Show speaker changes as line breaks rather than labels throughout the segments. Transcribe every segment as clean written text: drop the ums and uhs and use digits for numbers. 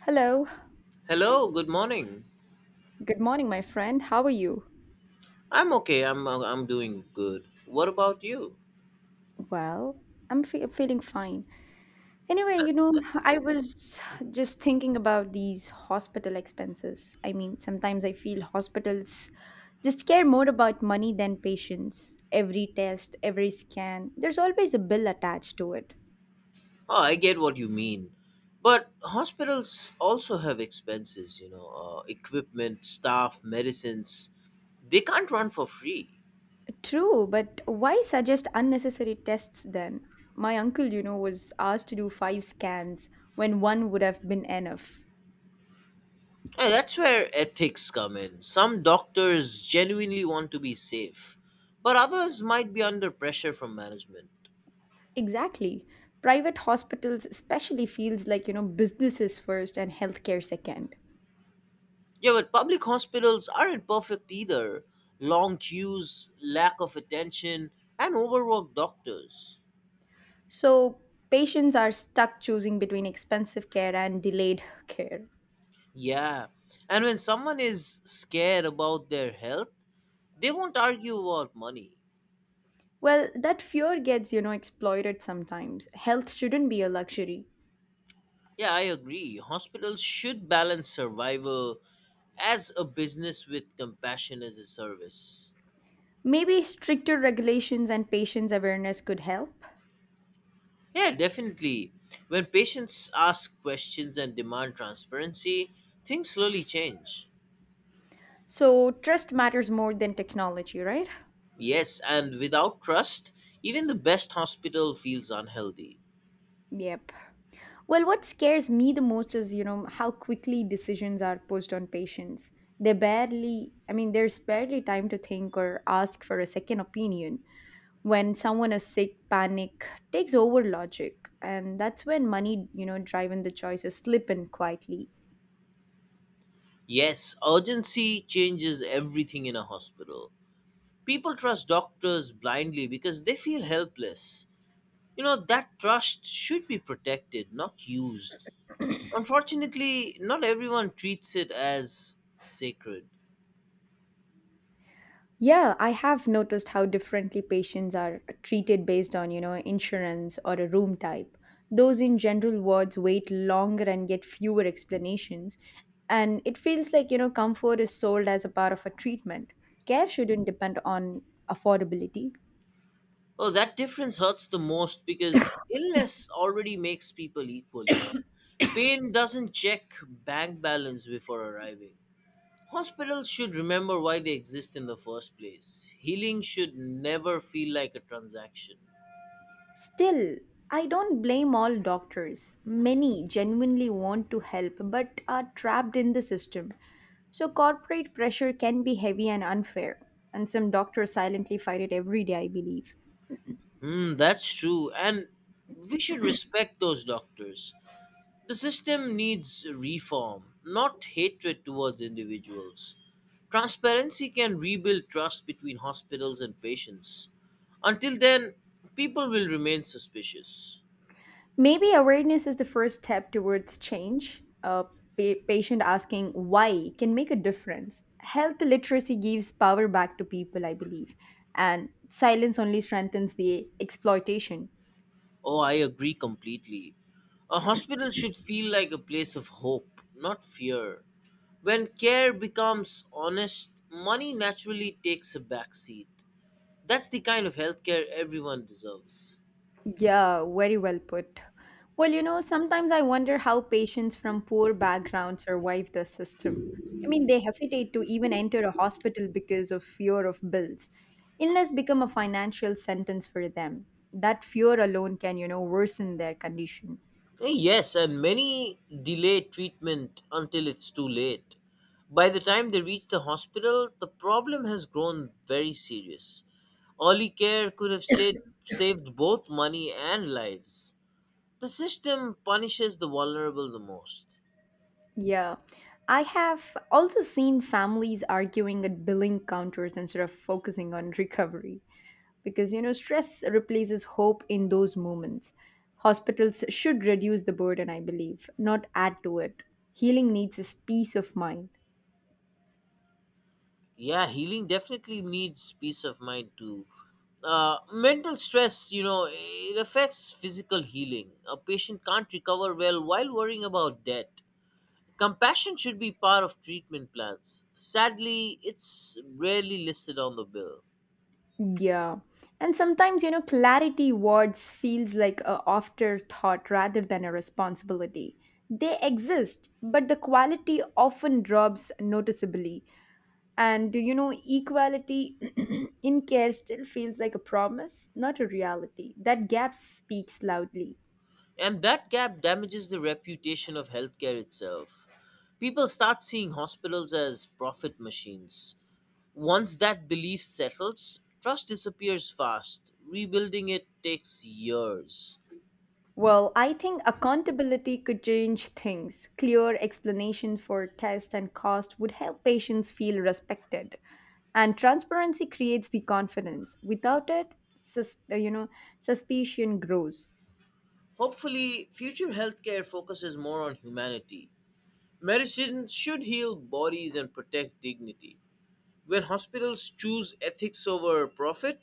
Hello.
Hello, good morning.
Good morning, my friend. How are you?
I'm okay. I'm doing good. What about you?
Well, I'm feeling fine. Anyway, you
That's
know,
that's
I
great.
was just thinking about these hospital expenses. I mean, sometimes I feel hospitals just care more about money than patients. Every test, every scan, there's always a bill attached to it.
Oh, I get what you mean. But hospitals also have expenses, equipment, staff, medicines. They can't run for free.
True, but why suggest unnecessary tests then? My uncle, was asked to do five scans when one would have been enough.
And that's where ethics come in. Some doctors genuinely want to be safe, but others might be under pressure from management.
Exactly. Private hospitals especially feels like, you know, businesses first and healthcare second.
Yeah, but public hospitals aren't perfect either. Long queues, lack of attention, and overworked doctors.
So patients are stuck choosing between expensive care and delayed care.
Yeah, and when someone is scared about their health, they won't argue about money.
Well, that fear gets, you know, exploited sometimes. Health shouldn't be a luxury.
Yeah, I agree. Hospitals should balance survival as a business with compassion as a service.
Maybe stricter regulations and patients' awareness could help.
Yeah, definitely. When patients ask questions and demand transparency, things slowly change.
So trust matters more than technology, right?
Yes, and without trust, even the best hospital feels unhealthy.
Yep. Well, what scares me the most is, you know, how quickly decisions are pushed on patients. They barely, I mean, there's barely time to think or ask for a second opinion. When someone is sick, panic takes over logic. And that's when money, you know, driving the choices slip in quietly.
Yes, urgency changes everything in a hospital. People trust doctors blindly because they feel helpless. You know, that trust should be protected, not used. Unfortunately, not everyone treats it as sacred.
Yeah, I have noticed how differently patients are treated based on, you know, insurance or a room type. Those in general wards wait longer and get fewer explanations, and it feels like, you know, comfort is sold as a part of a treatment. Care shouldn't depend on affordability.
Oh, that difference hurts the most because illness already makes people equal, you know. Pain doesn't check bank balance before arriving. Hospitals should remember why they exist in the first place. Healing should never feel like a transaction.
Still, I don't blame all doctors. Many genuinely want to help but are trapped in the system. So, corporate pressure can be heavy and unfair, and some doctors silently fight it every day, I believe.
Mm, that's true, and we should respect those doctors. The system needs reform, not hatred towards individuals. Transparency can rebuild trust between hospitals and patients. Until then, people will remain suspicious.
Maybe awareness is the first step towards change. A patient asking why can make a difference. Health literacy gives power back to people, I believe, and silence only strengthens the exploitation.
Oh, I agree completely. A hospital should feel like a place of hope, not fear. When care becomes honest, money naturally takes a backseat. That's the kind of healthcare everyone deserves.
Yeah, very well put. Well, you know, sometimes I wonder how patients from poor backgrounds survive the system. I mean, they hesitate to even enter a hospital because of fear of bills. Illness become a financial sentence for them. That fear alone can, you know, worsen their condition.
Yes, and many delay treatment until it's too late. By the time they reach the hospital, the problem has grown very serious. Early care could have stayed, saved both money and lives. The system punishes the vulnerable the most.
Yeah. I have also seen families arguing at billing counters instead of focusing on recovery, because you know stress replaces hope in those moments. Hospitals should reduce the burden, I believe, not add to it. Healing needs is peace of mind.
Yeah, healing definitely needs peace of mind too. Mental stress, you know, it affects physical healing. A patient can't recover well while worrying about debt. Compassion should be part of treatment plans. Sadly, it's rarely listed on the bill.
Yeah, and sometimes, you know, clarity wards feels like a afterthought rather than a responsibility. They exist, but the quality often drops noticeably. And you know, equality in care still feels like a promise, not a reality. That gap speaks loudly.
And that gap damages the reputation of healthcare itself. People start seeing hospitals as profit machines. Once that belief settles, trust disappears fast. Rebuilding it takes years.
Well, I think accountability could change things. Clear explanation for test and cost would help patients feel respected. And transparency creates the confidence. Without it, sus- uh, you know, suspicion grows.
Hopefully, future healthcare focuses more on humanity. Medicine should heal bodies and protect dignity. When hospitals choose ethics over profit,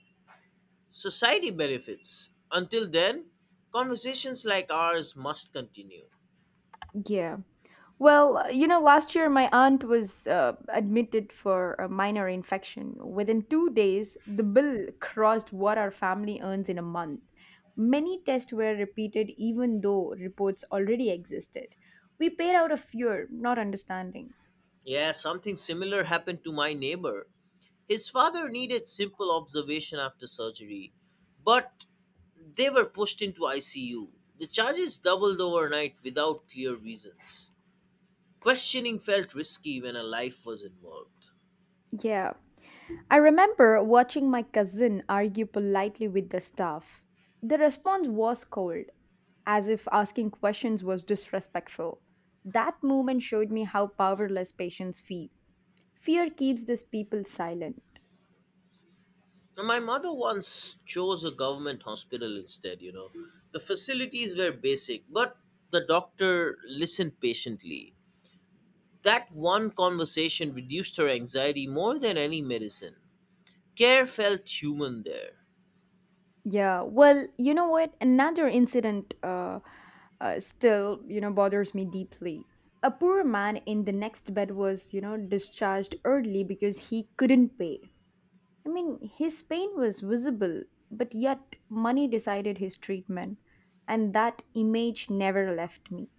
society benefits. Until then, conversations like ours must continue.
Yeah. Well, last year my aunt was admitted for a minor infection. Within two days, the bill crossed what our family earns in a month. Many tests were repeated, even though reports already existed. We paid out of fear, not understanding.
Yeah, something similar happened to my neighbor. His father needed simple observation after surgery, but they were pushed into ICU. The charges doubled overnight without clear reasons. Questioning felt risky when a life was involved.
Yeah. I remember watching my cousin argue politely with the staff. The response was cold, as if asking questions was disrespectful. That moment showed me how powerless patients feel. Fear keeps these people silent.
And my mother once chose a government hospital instead, you know. The facilities were basic, but the doctor listened patiently. That one conversation reduced her anxiety more than any medicine. Care felt human there.
Yeah, well, you know what? Another incident bothers me deeply. A poor man in the next bed was, you know, discharged early because he couldn't pay. I mean, his pain was visible, but yet money decided his treatment, and that image never left me.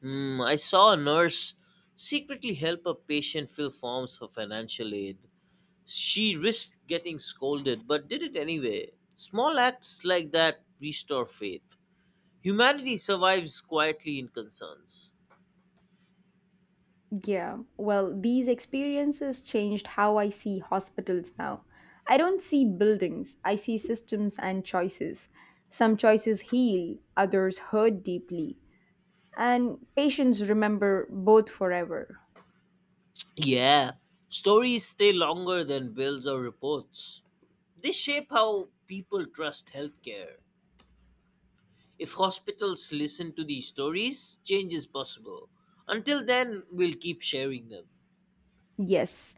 Hmm, I saw a nurse secretly help a patient fill forms for financial aid. She risked getting scolded, but did it anyway. Small acts like that restore faith. Humanity survives quietly in concerns.
Yeah, well, these experiences changed how I see hospitals now. I don't see buildings, I see systems and choices. Some choices heal, others hurt deeply, and patients remember both forever.
Yeah, stories stay longer than bills or reports. They shape how people trust healthcare. If hospitals listen to these stories, change is possible. Until then, we'll keep sharing them.
Yes.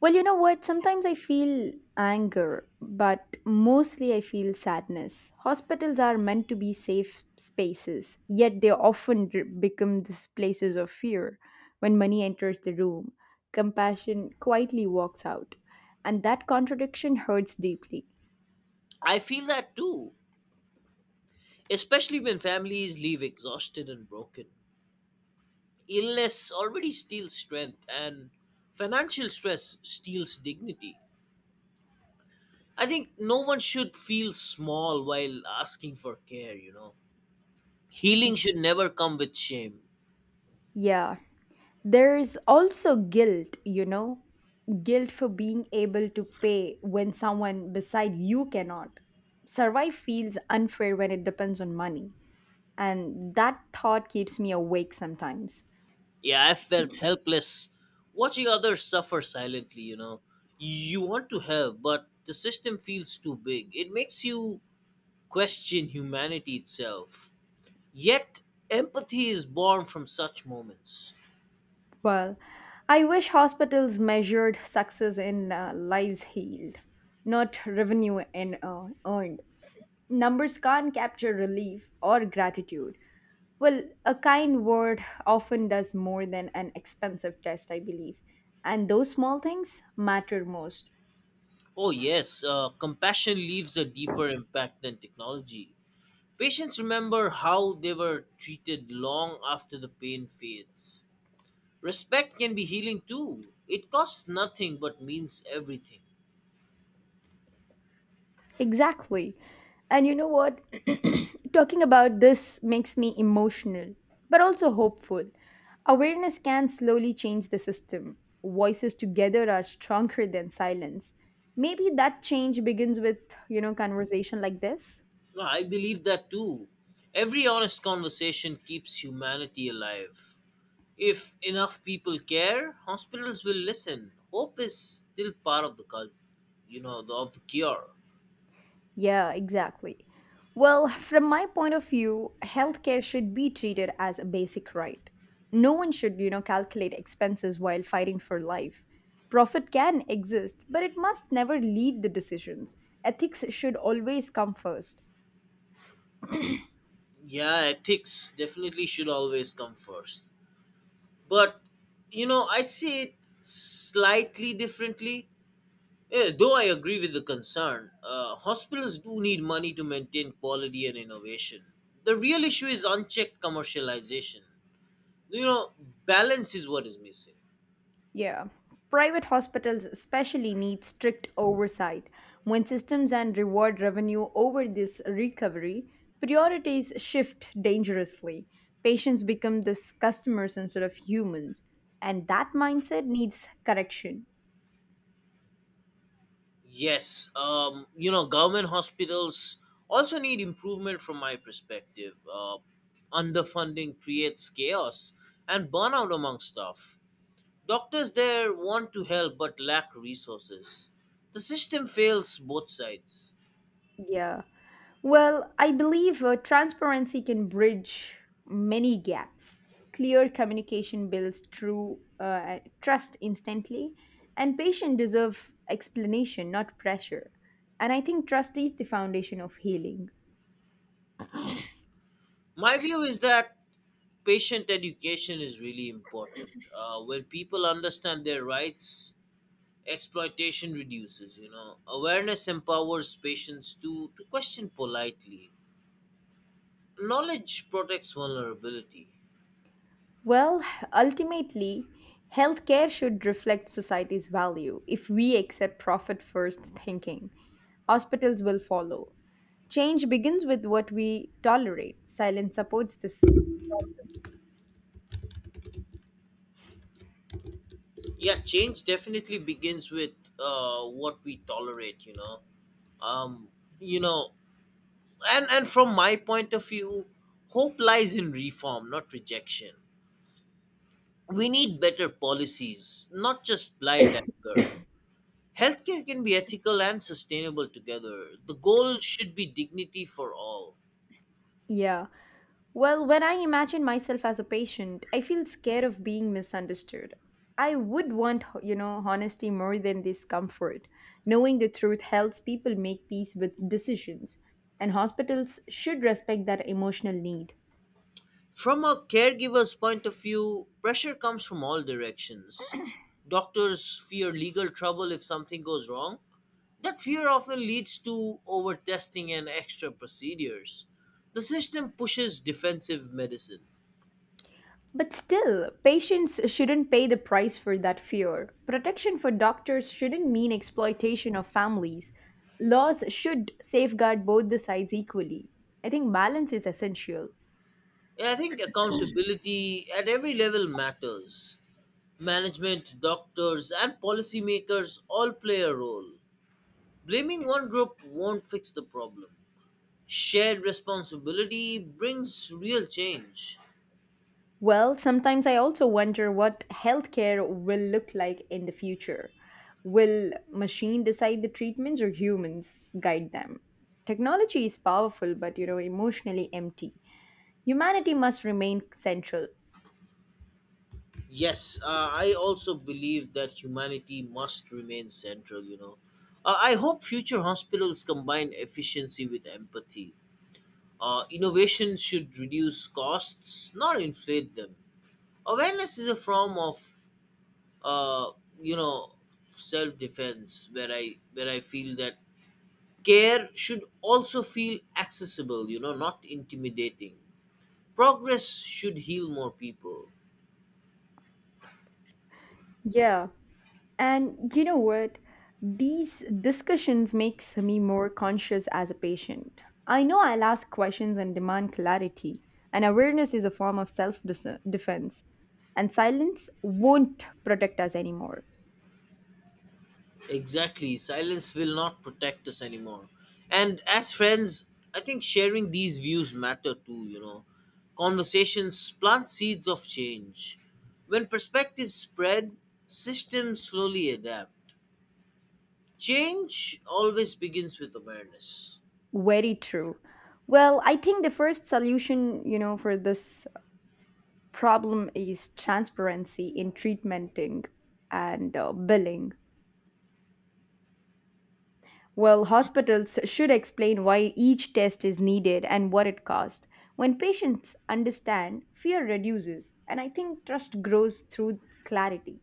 Well, you know what? Sometimes I feel anger, but mostly I feel sadness. Hospitals are meant to be safe spaces, yet they often become these places of fear. When money enters the room, compassion quietly walks out, and that contradiction hurts deeply.
I feel that too, especially when families leave exhausted and broken. Illness already steals strength, and financial stress steals dignity. I think no one should feel small while asking for care, you know. Healing should never come with shame.
Yeah. There's also guilt, you know, guilt for being able to pay when someone beside you cannot. Survive feels unfair when it depends on money, and that thought keeps me awake sometimes.
Yeah, I felt helpless watching others suffer silently, you know. You want to help, but the system feels too big. It makes you question humanity itself. Yet, empathy is born from such moments.
Well, I wish hospitals measured success in lives healed, not revenue in, earned. Numbers can't capture relief or gratitude. Well, a kind word often does more than an expensive test, I believe. And those small things matter most.
Oh, yes, compassion leaves a deeper impact than technology. Patients remember how they were treated long after the pain fades. Respect can be healing too. It costs nothing but means everything.
Exactly. And you know what? Talking about this makes me emotional, but also hopeful. Awareness can slowly change the system. Voices together are stronger than silence. Maybe that change begins with, you know, conversation like this.
No, I believe that too. Every honest conversation keeps humanity alive. If enough people care, hospitals will listen. Hope is still part of the cult, you know, of the cure.
Yeah, exactly. Well, from my point of view, healthcare should be treated as a basic right. No one should, you know, calculate expenses while fighting for life. Profit can exist, but it must never lead the decisions. Ethics should always come first.
Yeah, ethics definitely should always come first. But, you know, I see it slightly differently. Though I agree with the concern, hospitals do need money to maintain quality and innovation. The real issue is unchecked commercialization, you know. Balance is what is missing.
Yeah. Private hospitals especially need strict oversight. When systems and reward revenue over this recovery, priorities shift dangerously. Patients become these customers instead of humans. And that mindset needs correction.
Yes. You know, government hospitals also need improvement from my perspective. Underfunding creates chaos and burnout among staff. Doctors there want to help but lack resources. The system fails both sides.
Yeah. Well, I believe transparency can bridge many gaps. Clear communication builds true trust instantly, and patients deserve explanation, not pressure. And I think trust is the foundation of healing.
My view is that patient education is really important. When people understand their rights, exploitation reduces, you know. Awareness empowers patients to question politely. Knowledge protects vulnerability.
Well, ultimately, healthcare should reflect society's value. If we accept profit first thinking, hospitals will follow. Change begins with what we tolerate. Silence supports this.
Yeah, change definitely begins with what we tolerate, you know. Um, you know, and from my point of view, hope lies in reform, not rejection. We need better policies, not just blind anger. Healthcare can be ethical and sustainable together. The goal should be dignity for all.
Yeah. Well, when I imagine myself as a patient, I feel scared of being misunderstood. I would want, you know, honesty more than discomfort. Knowing the truth helps people make peace with decisions, and hospitals should respect that emotional need.
From a caregiver's point of view, pressure comes from all directions. Doctors fear legal trouble if something goes wrong. That fear often leads to overtesting and extra procedures. The system pushes defensive medicine.
But still, patients shouldn't pay the price for that fear. Protection for doctors shouldn't mean exploitation of families. Laws should safeguard both the sides equally. I think balance is essential.
Yeah, I think accountability at every level matters. Management, doctors, and policymakers all play a role. Blaming one group won't fix the problem. Shared responsibility brings real change.
Well, sometimes I also wonder what healthcare will look like in the future. Will machine decide the treatments or humans guide them? Technology is powerful, but you know, emotionally empty. Humanity must remain central.
Yes, I also believe that humanity must remain central, you know. I hope future hospitals combine efficiency with empathy. Innovation should reduce costs, not inflate them. Awareness is a form of uh, you know self defense, where I feel that care should also feel accessible, you know, not intimidating. Progress should heal more people.
Yeah. And you know what? These discussions makes me more conscious as a patient. I know I'll ask questions and demand clarity, and awareness is a form of self-defense. And silence won't protect us anymore.
Exactly, silence will not protect us anymore. And as friends, I think sharing these views matter too, you know. Conversations plant seeds of change. When perspectives spread, systems slowly adapt. Change always begins with awareness.
Very true. Well, I think the first solution, you know, for this problem is transparency in treatmenting and billing. Well, hospitals should explain why each test is needed and what it costs. When patients understand, fear reduces, and I think trust grows through clarity.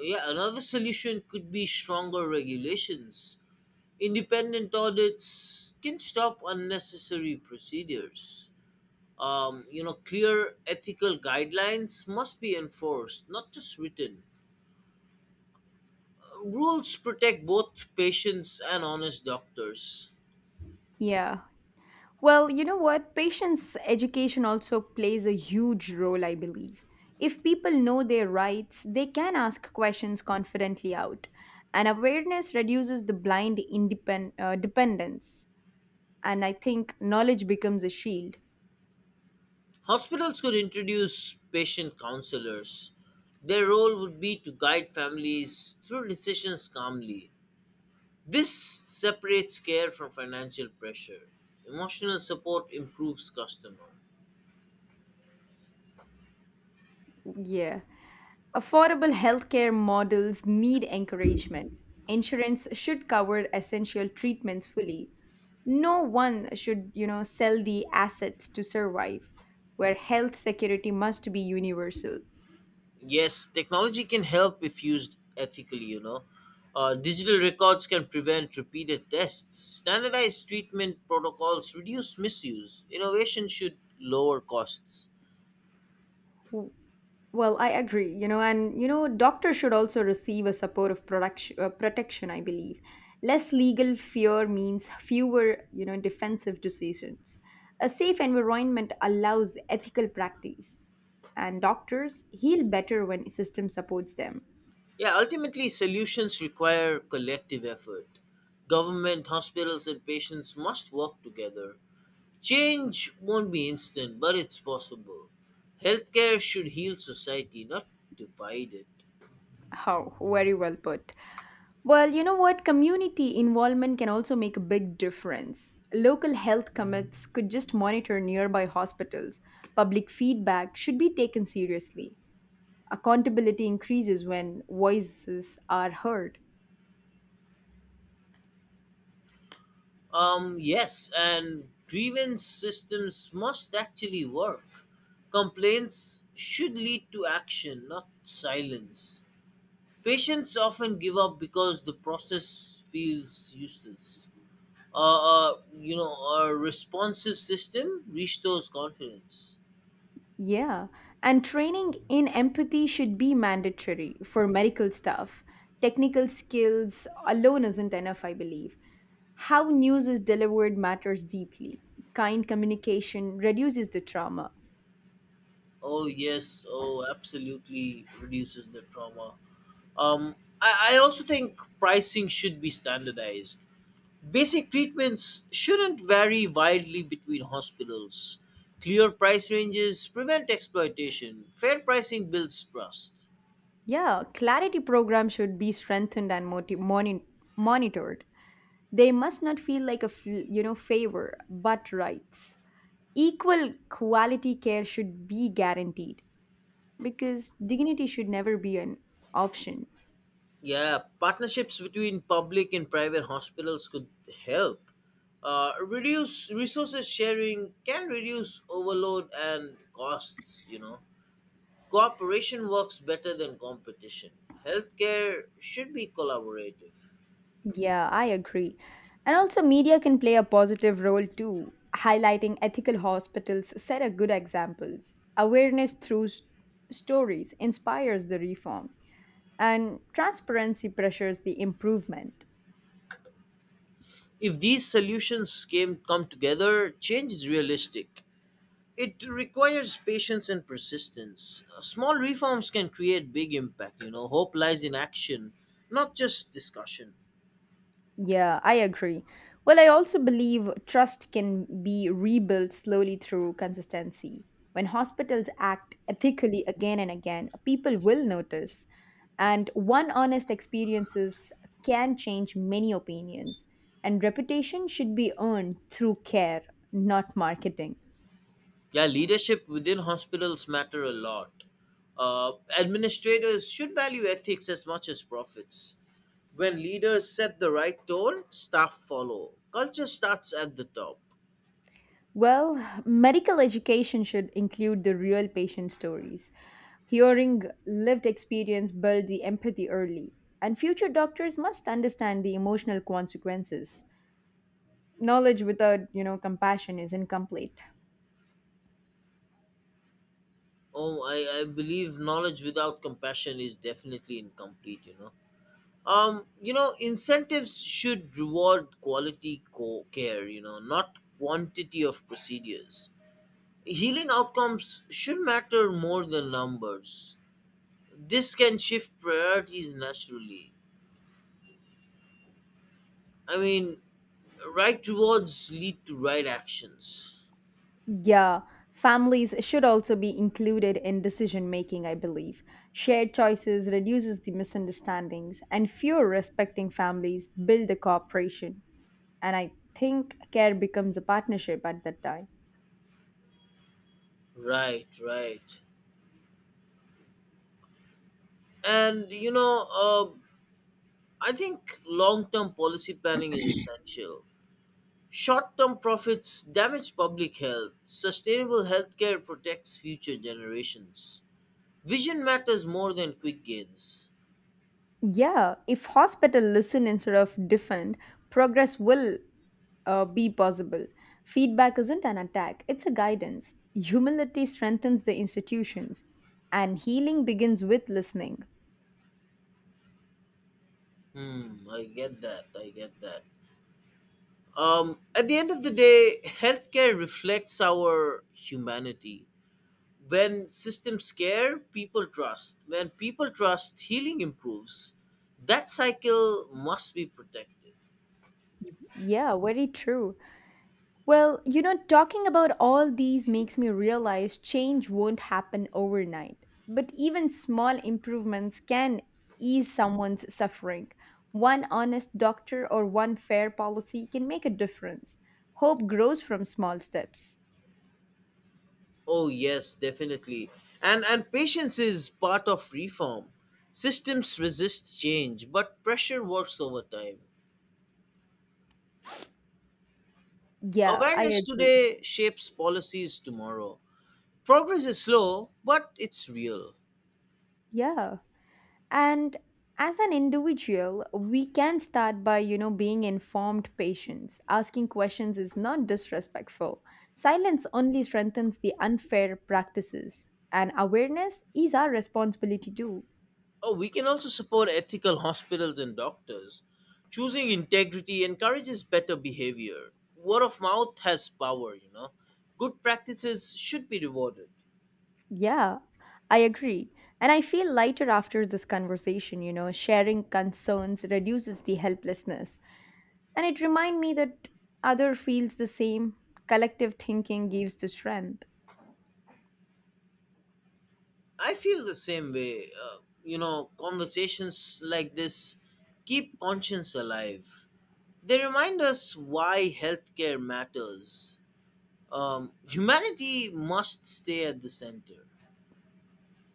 Yeah, another solution could be stronger regulations. Independent audits can stop unnecessary procedures. You know, clear ethical guidelines must be enforced, not just written. Rules protect both patients and honest doctors.
Yeah. Well, you know what? Patients' education also plays a huge role, I believe. If people know their rights, they can ask questions confidently out. And awareness reduces the blind independ- dependence. And I think knowledge becomes a shield.
Hospitals could introduce patient counselors. Their role would be to guide families through decisions calmly. This separates care from financial pressure. Emotional support improves customer.
Yeah. Affordable healthcare models need encouragement. Insurance should cover essential treatments fully. No one should, you know, sell the assets to survive, where health security must be universal.
Yes, technology can help if used ethically, you know. Digital records can prevent repeated tests. Standardized treatment protocols reduce misuse. Innovation should lower costs.
Well, I agree, you know, and you know, doctors should also receive a supportive protection, I believe. Less legal fear means fewer, you know, defensive decisions. A safe environment allows ethical practice, and doctors heal better when system supports them.
Yeah, ultimately, solutions require collective effort. Government, hospitals, and patients must work together. Change won't be instant, but it's possible. Healthcare should heal society, not divide it.
How very well put. Well, you know what? Community involvement can also make a big difference. Local health commits could just monitor nearby hospitals. Public feedback should be taken seriously. Accountability increases when voices are heard.
Yes, and grievance systems must actually work. Complaints should lead to action, not silence. Patients often give up because the process feels useless. You know, a responsive system restores confidence.
Yeah, and training in empathy should be mandatory for medical staff. Technical skills alone isn't enough, I believe. How news is delivered matters deeply. Kind communication reduces the trauma.
Oh, yes, oh, absolutely reduces the trauma. Um, I also think pricing should be standardized. Basic treatments shouldn't vary widely between hospitals. Clear price ranges prevent exploitation. Fair pricing builds trust.
Yeah, clarity program should be strengthened and monitored. They must not feel like a you know, favor, but rights. Equal quality care should be guaranteed, because dignity should never be an option.
Yeah, partnerships between public and private hospitals could help. Reduce resources sharing can reduce overload and costs, you know. Cooperation works better than competition. Healthcare should be collaborative.
Yeah, I agree. And also, media can play a positive role too. Highlighting ethical hospitals set a good examples. Awareness through stories inspires the reform, and transparency pressures the improvement.
If these solutions came come together, change is realistic. It requires patience and persistence. Small reforms can create big impact, you know. Hope lies in action, not just discussion.
Yeah, I agree. Well, I also believe trust can be rebuilt slowly through consistency. When hospitals act ethically again and again, people will notice. And one honest experiences can change many opinions. And reputation should be earned through care, not marketing.
Yeah, leadership within hospitals matter a lot. Uh, administrators should value ethics as much as profits. When leaders set the right tone, staff follow. Culture starts at the top.
Well, medical education should include the real patient stories. Hearing lived experience build the empathy early, and future doctors must understand the emotional consequences. Knowledge without, you know, compassion is incomplete.
Oh, I believe knowledge without compassion is definitely incomplete, you know. You know, incentives should reward quality care, you know, not quantity of procedures. Healing outcomes should matter more than numbers. This can shift priorities naturally. I mean, right rewards lead to right actions.
Yeah, families should also be included in decision making, I believe. Shared choices reduces the misunderstandings, and fewer respecting families build the cooperation. And I think care becomes a partnership at that time.
Right, right. And, you know, I think long term policy planning is essential. Short term profits damage public health. Sustainable healthcare protects future generations. Vision matters more than quick gains.
Yeah, if hospital listen instead of defend, progress will be possible. Feedback isn't an attack, it's a guidance. Humility strengthens the institutions, and healing begins with listening.
Hmm, I get that. I get that. At the end of the day, healthcare reflects our humanity. When systems care, people trust. When people trust, healing improves. That cycle must be protected.
Yeah, very true. Well, you know, talking about all these makes me realize change won't happen overnight, but even small improvements can ease someone's suffering. One honest doctor or one fair policy can make a difference. Hope grows from small steps.
Oh yes, definitely. And patience is part of reform. Systems resist change, but pressure works over time.
Yeah, I
Awareness
agree.
today shapes policies tomorrow. Progress is slow, but it's real.
Yeah, and as an individual we can start by, you know, being informed. Patients asking questions is not disrespectful. Silence only strengthens the unfair practices, and awareness is our responsibility too.
Oh, we can also support ethical hospitals and doctors. Choosing integrity encourages better behavior. Word of mouth has power, you know. Good practices should be rewarded.
Yeah, I agree. And I feel lighter after this conversation, you know. Sharing concerns reduces the helplessness. And it reminds me that other feels the same. Collective thinking gives the strength.
I feel the same way. You know, conversations like this keep conscience alive. They remind us why healthcare matters. Humanity must stay at the center.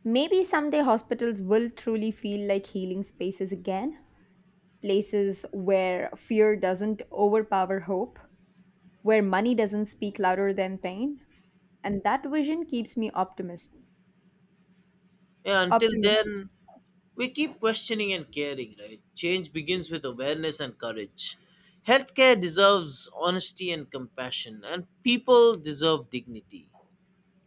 Maybe someday hospitals will truly feel like healing spaces again, places where fear doesn't overpower hope, where money doesn't speak louder than pain, and that vision keeps me optimist.
Yeah, until
Optimistic.
then, we keep questioning and caring, right? Change begins with awareness and courage. Healthcare deserves honesty and compassion, and people deserve dignity.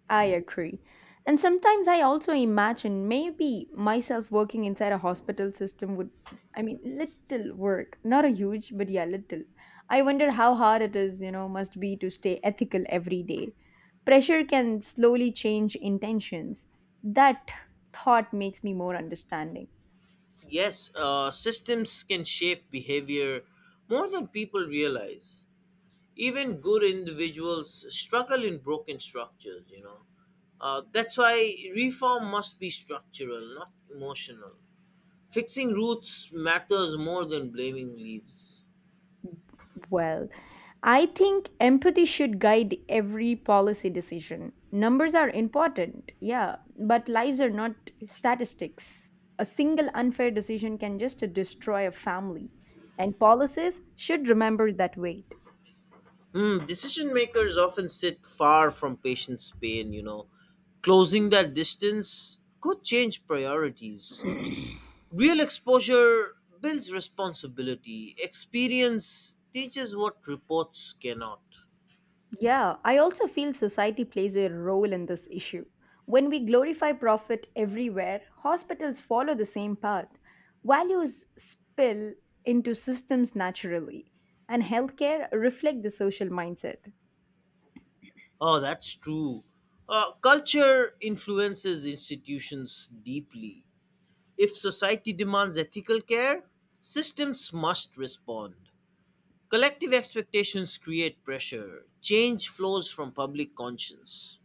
I agree. And sometimes I also imagine maybe myself working inside a hospital system would, I mean, little work, not a huge, but yeah, little. I wonder how hard it is, you know, must be to stay ethical every day. Pressure can slowly change intentions. That thought makes me more understanding.
Yes, systems can shape behavior more than people realize. Even good individuals struggle in broken structures, you know. That's why reform must be structural, not emotional. Fixing roots matters more than blaming leaves.
Well, I think empathy should guide every policy decision. Numbers are important, yeah, but lives are not statistics. A single unfair decision can just destroy a family, and policies should remember that weight.
Hmm, decision makers often sit far from patients pain, you know. Closing that distance could change priorities. Real exposure builds responsibility. Experience teaches what reports cannot.
Yeah, I also feel society plays a role in this issue. When we glorify profit everywhere, hospitals follow the same path. Values spill into systems naturally, and healthcare reflect the social mindset.
Oh, that's true. Culture influences institutions deeply. If society demands ethical care, systems must respond. Collective expectations create pressure. Change flows from public conscience.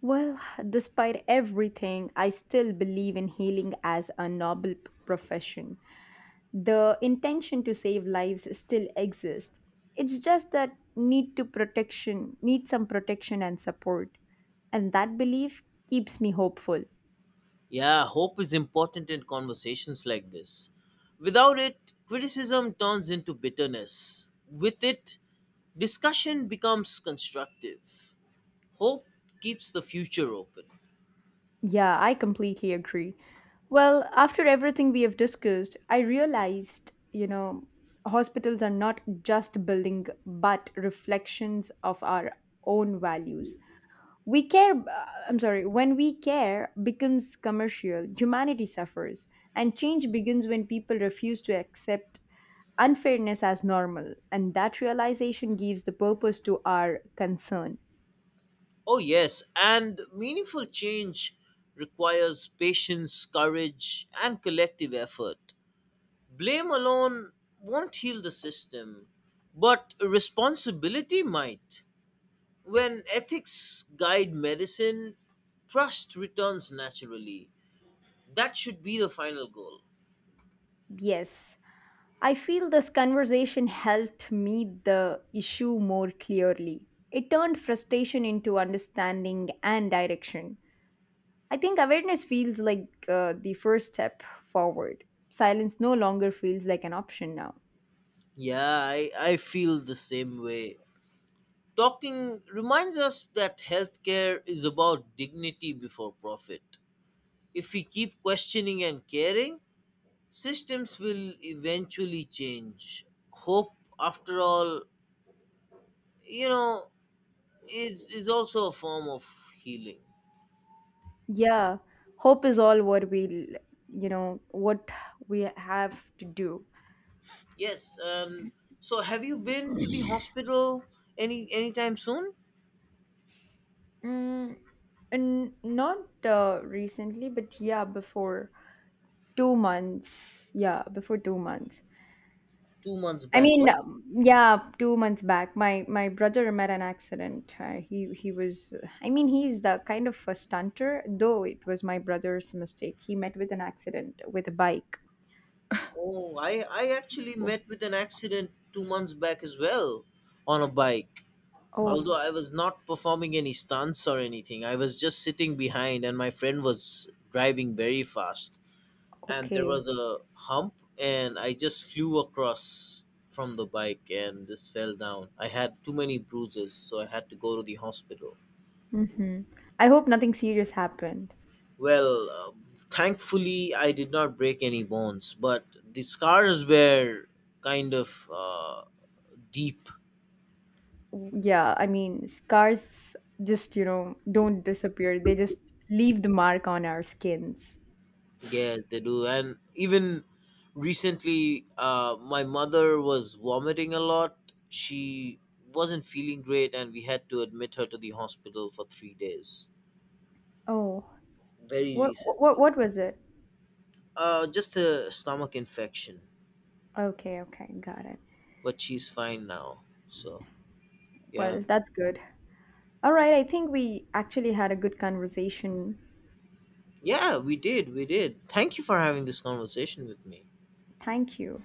Well, despite everything, I still believe in healing as a noble profession. The intention to save lives still exists. It's just that need to protection, need some protection and support. And that belief keeps me hopeful.
Yeah, hope is important in conversations like this. Without it, criticism turns into bitterness. With it, discussion becomes constructive. Hope keeps the future open.
Yeah, I completely agree. Well, after everything we have discussed, I realized, you know, hospitals are not just building but reflections of our own values. We care I'm sorry When we care becomes commercial, humanity suffers, and change begins when people refuse to accept unfairness as normal, and that realization gives the purpose to our concern.
Oh, yes, and meaningful change requires patience, courage, and collective effort. Blame alone won't heal the system, but responsibility might. When ethics guide medicine, trust returns naturally. That should be the final goal.
Yes, I feel this conversation helped me the issue more clearly. It turned frustration into understanding and direction. I think awareness feels like the first step forward. Silence no longer feels like an option now.
Yeah, I feel the same way. Talking reminds us that healthcare is about dignity before profit. If we keep questioning and caring, systems will eventually change. Hope, after all, you know, is also a form of healing.
Yeah, hope is all what we, l- what we have to do.
Yes, and so have you been to the hospital anytime soon?
Mm, and not recently, but yeah, before two months. Yeah, before two months.
2 months
I
back,
mean,
what?
yeah, two months back, my brother met an accident. He was, I mean, he's the kind of a stunter, though it was my brother's mistake. He met with an accident with a bike.
Oh, I actually
Oh,
met with an accident 2 months back as well on a bike. Although
oh,
I was not performing any stunts or anything, I was just sitting behind, and my friend was driving very fast. And there
okay.
was a hump, and I just flew across from the bike and just fell down. I had too many bruises, so I had to go to the hospital.
Mm-hmm. I hope nothing serious happened.
Well, thankfully I did not break any bones, but the scars were kind of deep.
Yeah, I mean, scars just, you know, don't disappear. They just leave the mark on our skins.
Yeah, they do. And even recently, my mother was vomiting a lot. She wasn't feeling great, and we had to admit her to the hospital for 3 days
Oh,
very recently.
what was it?
Just a stomach infection,
Okay, okay, got it.
but she's fine now. So yeah,
Well, that's good. All right, I think we actually had a good conversation.
yeah, we did, we did. Thank you for having this conversation with me.
Thank you.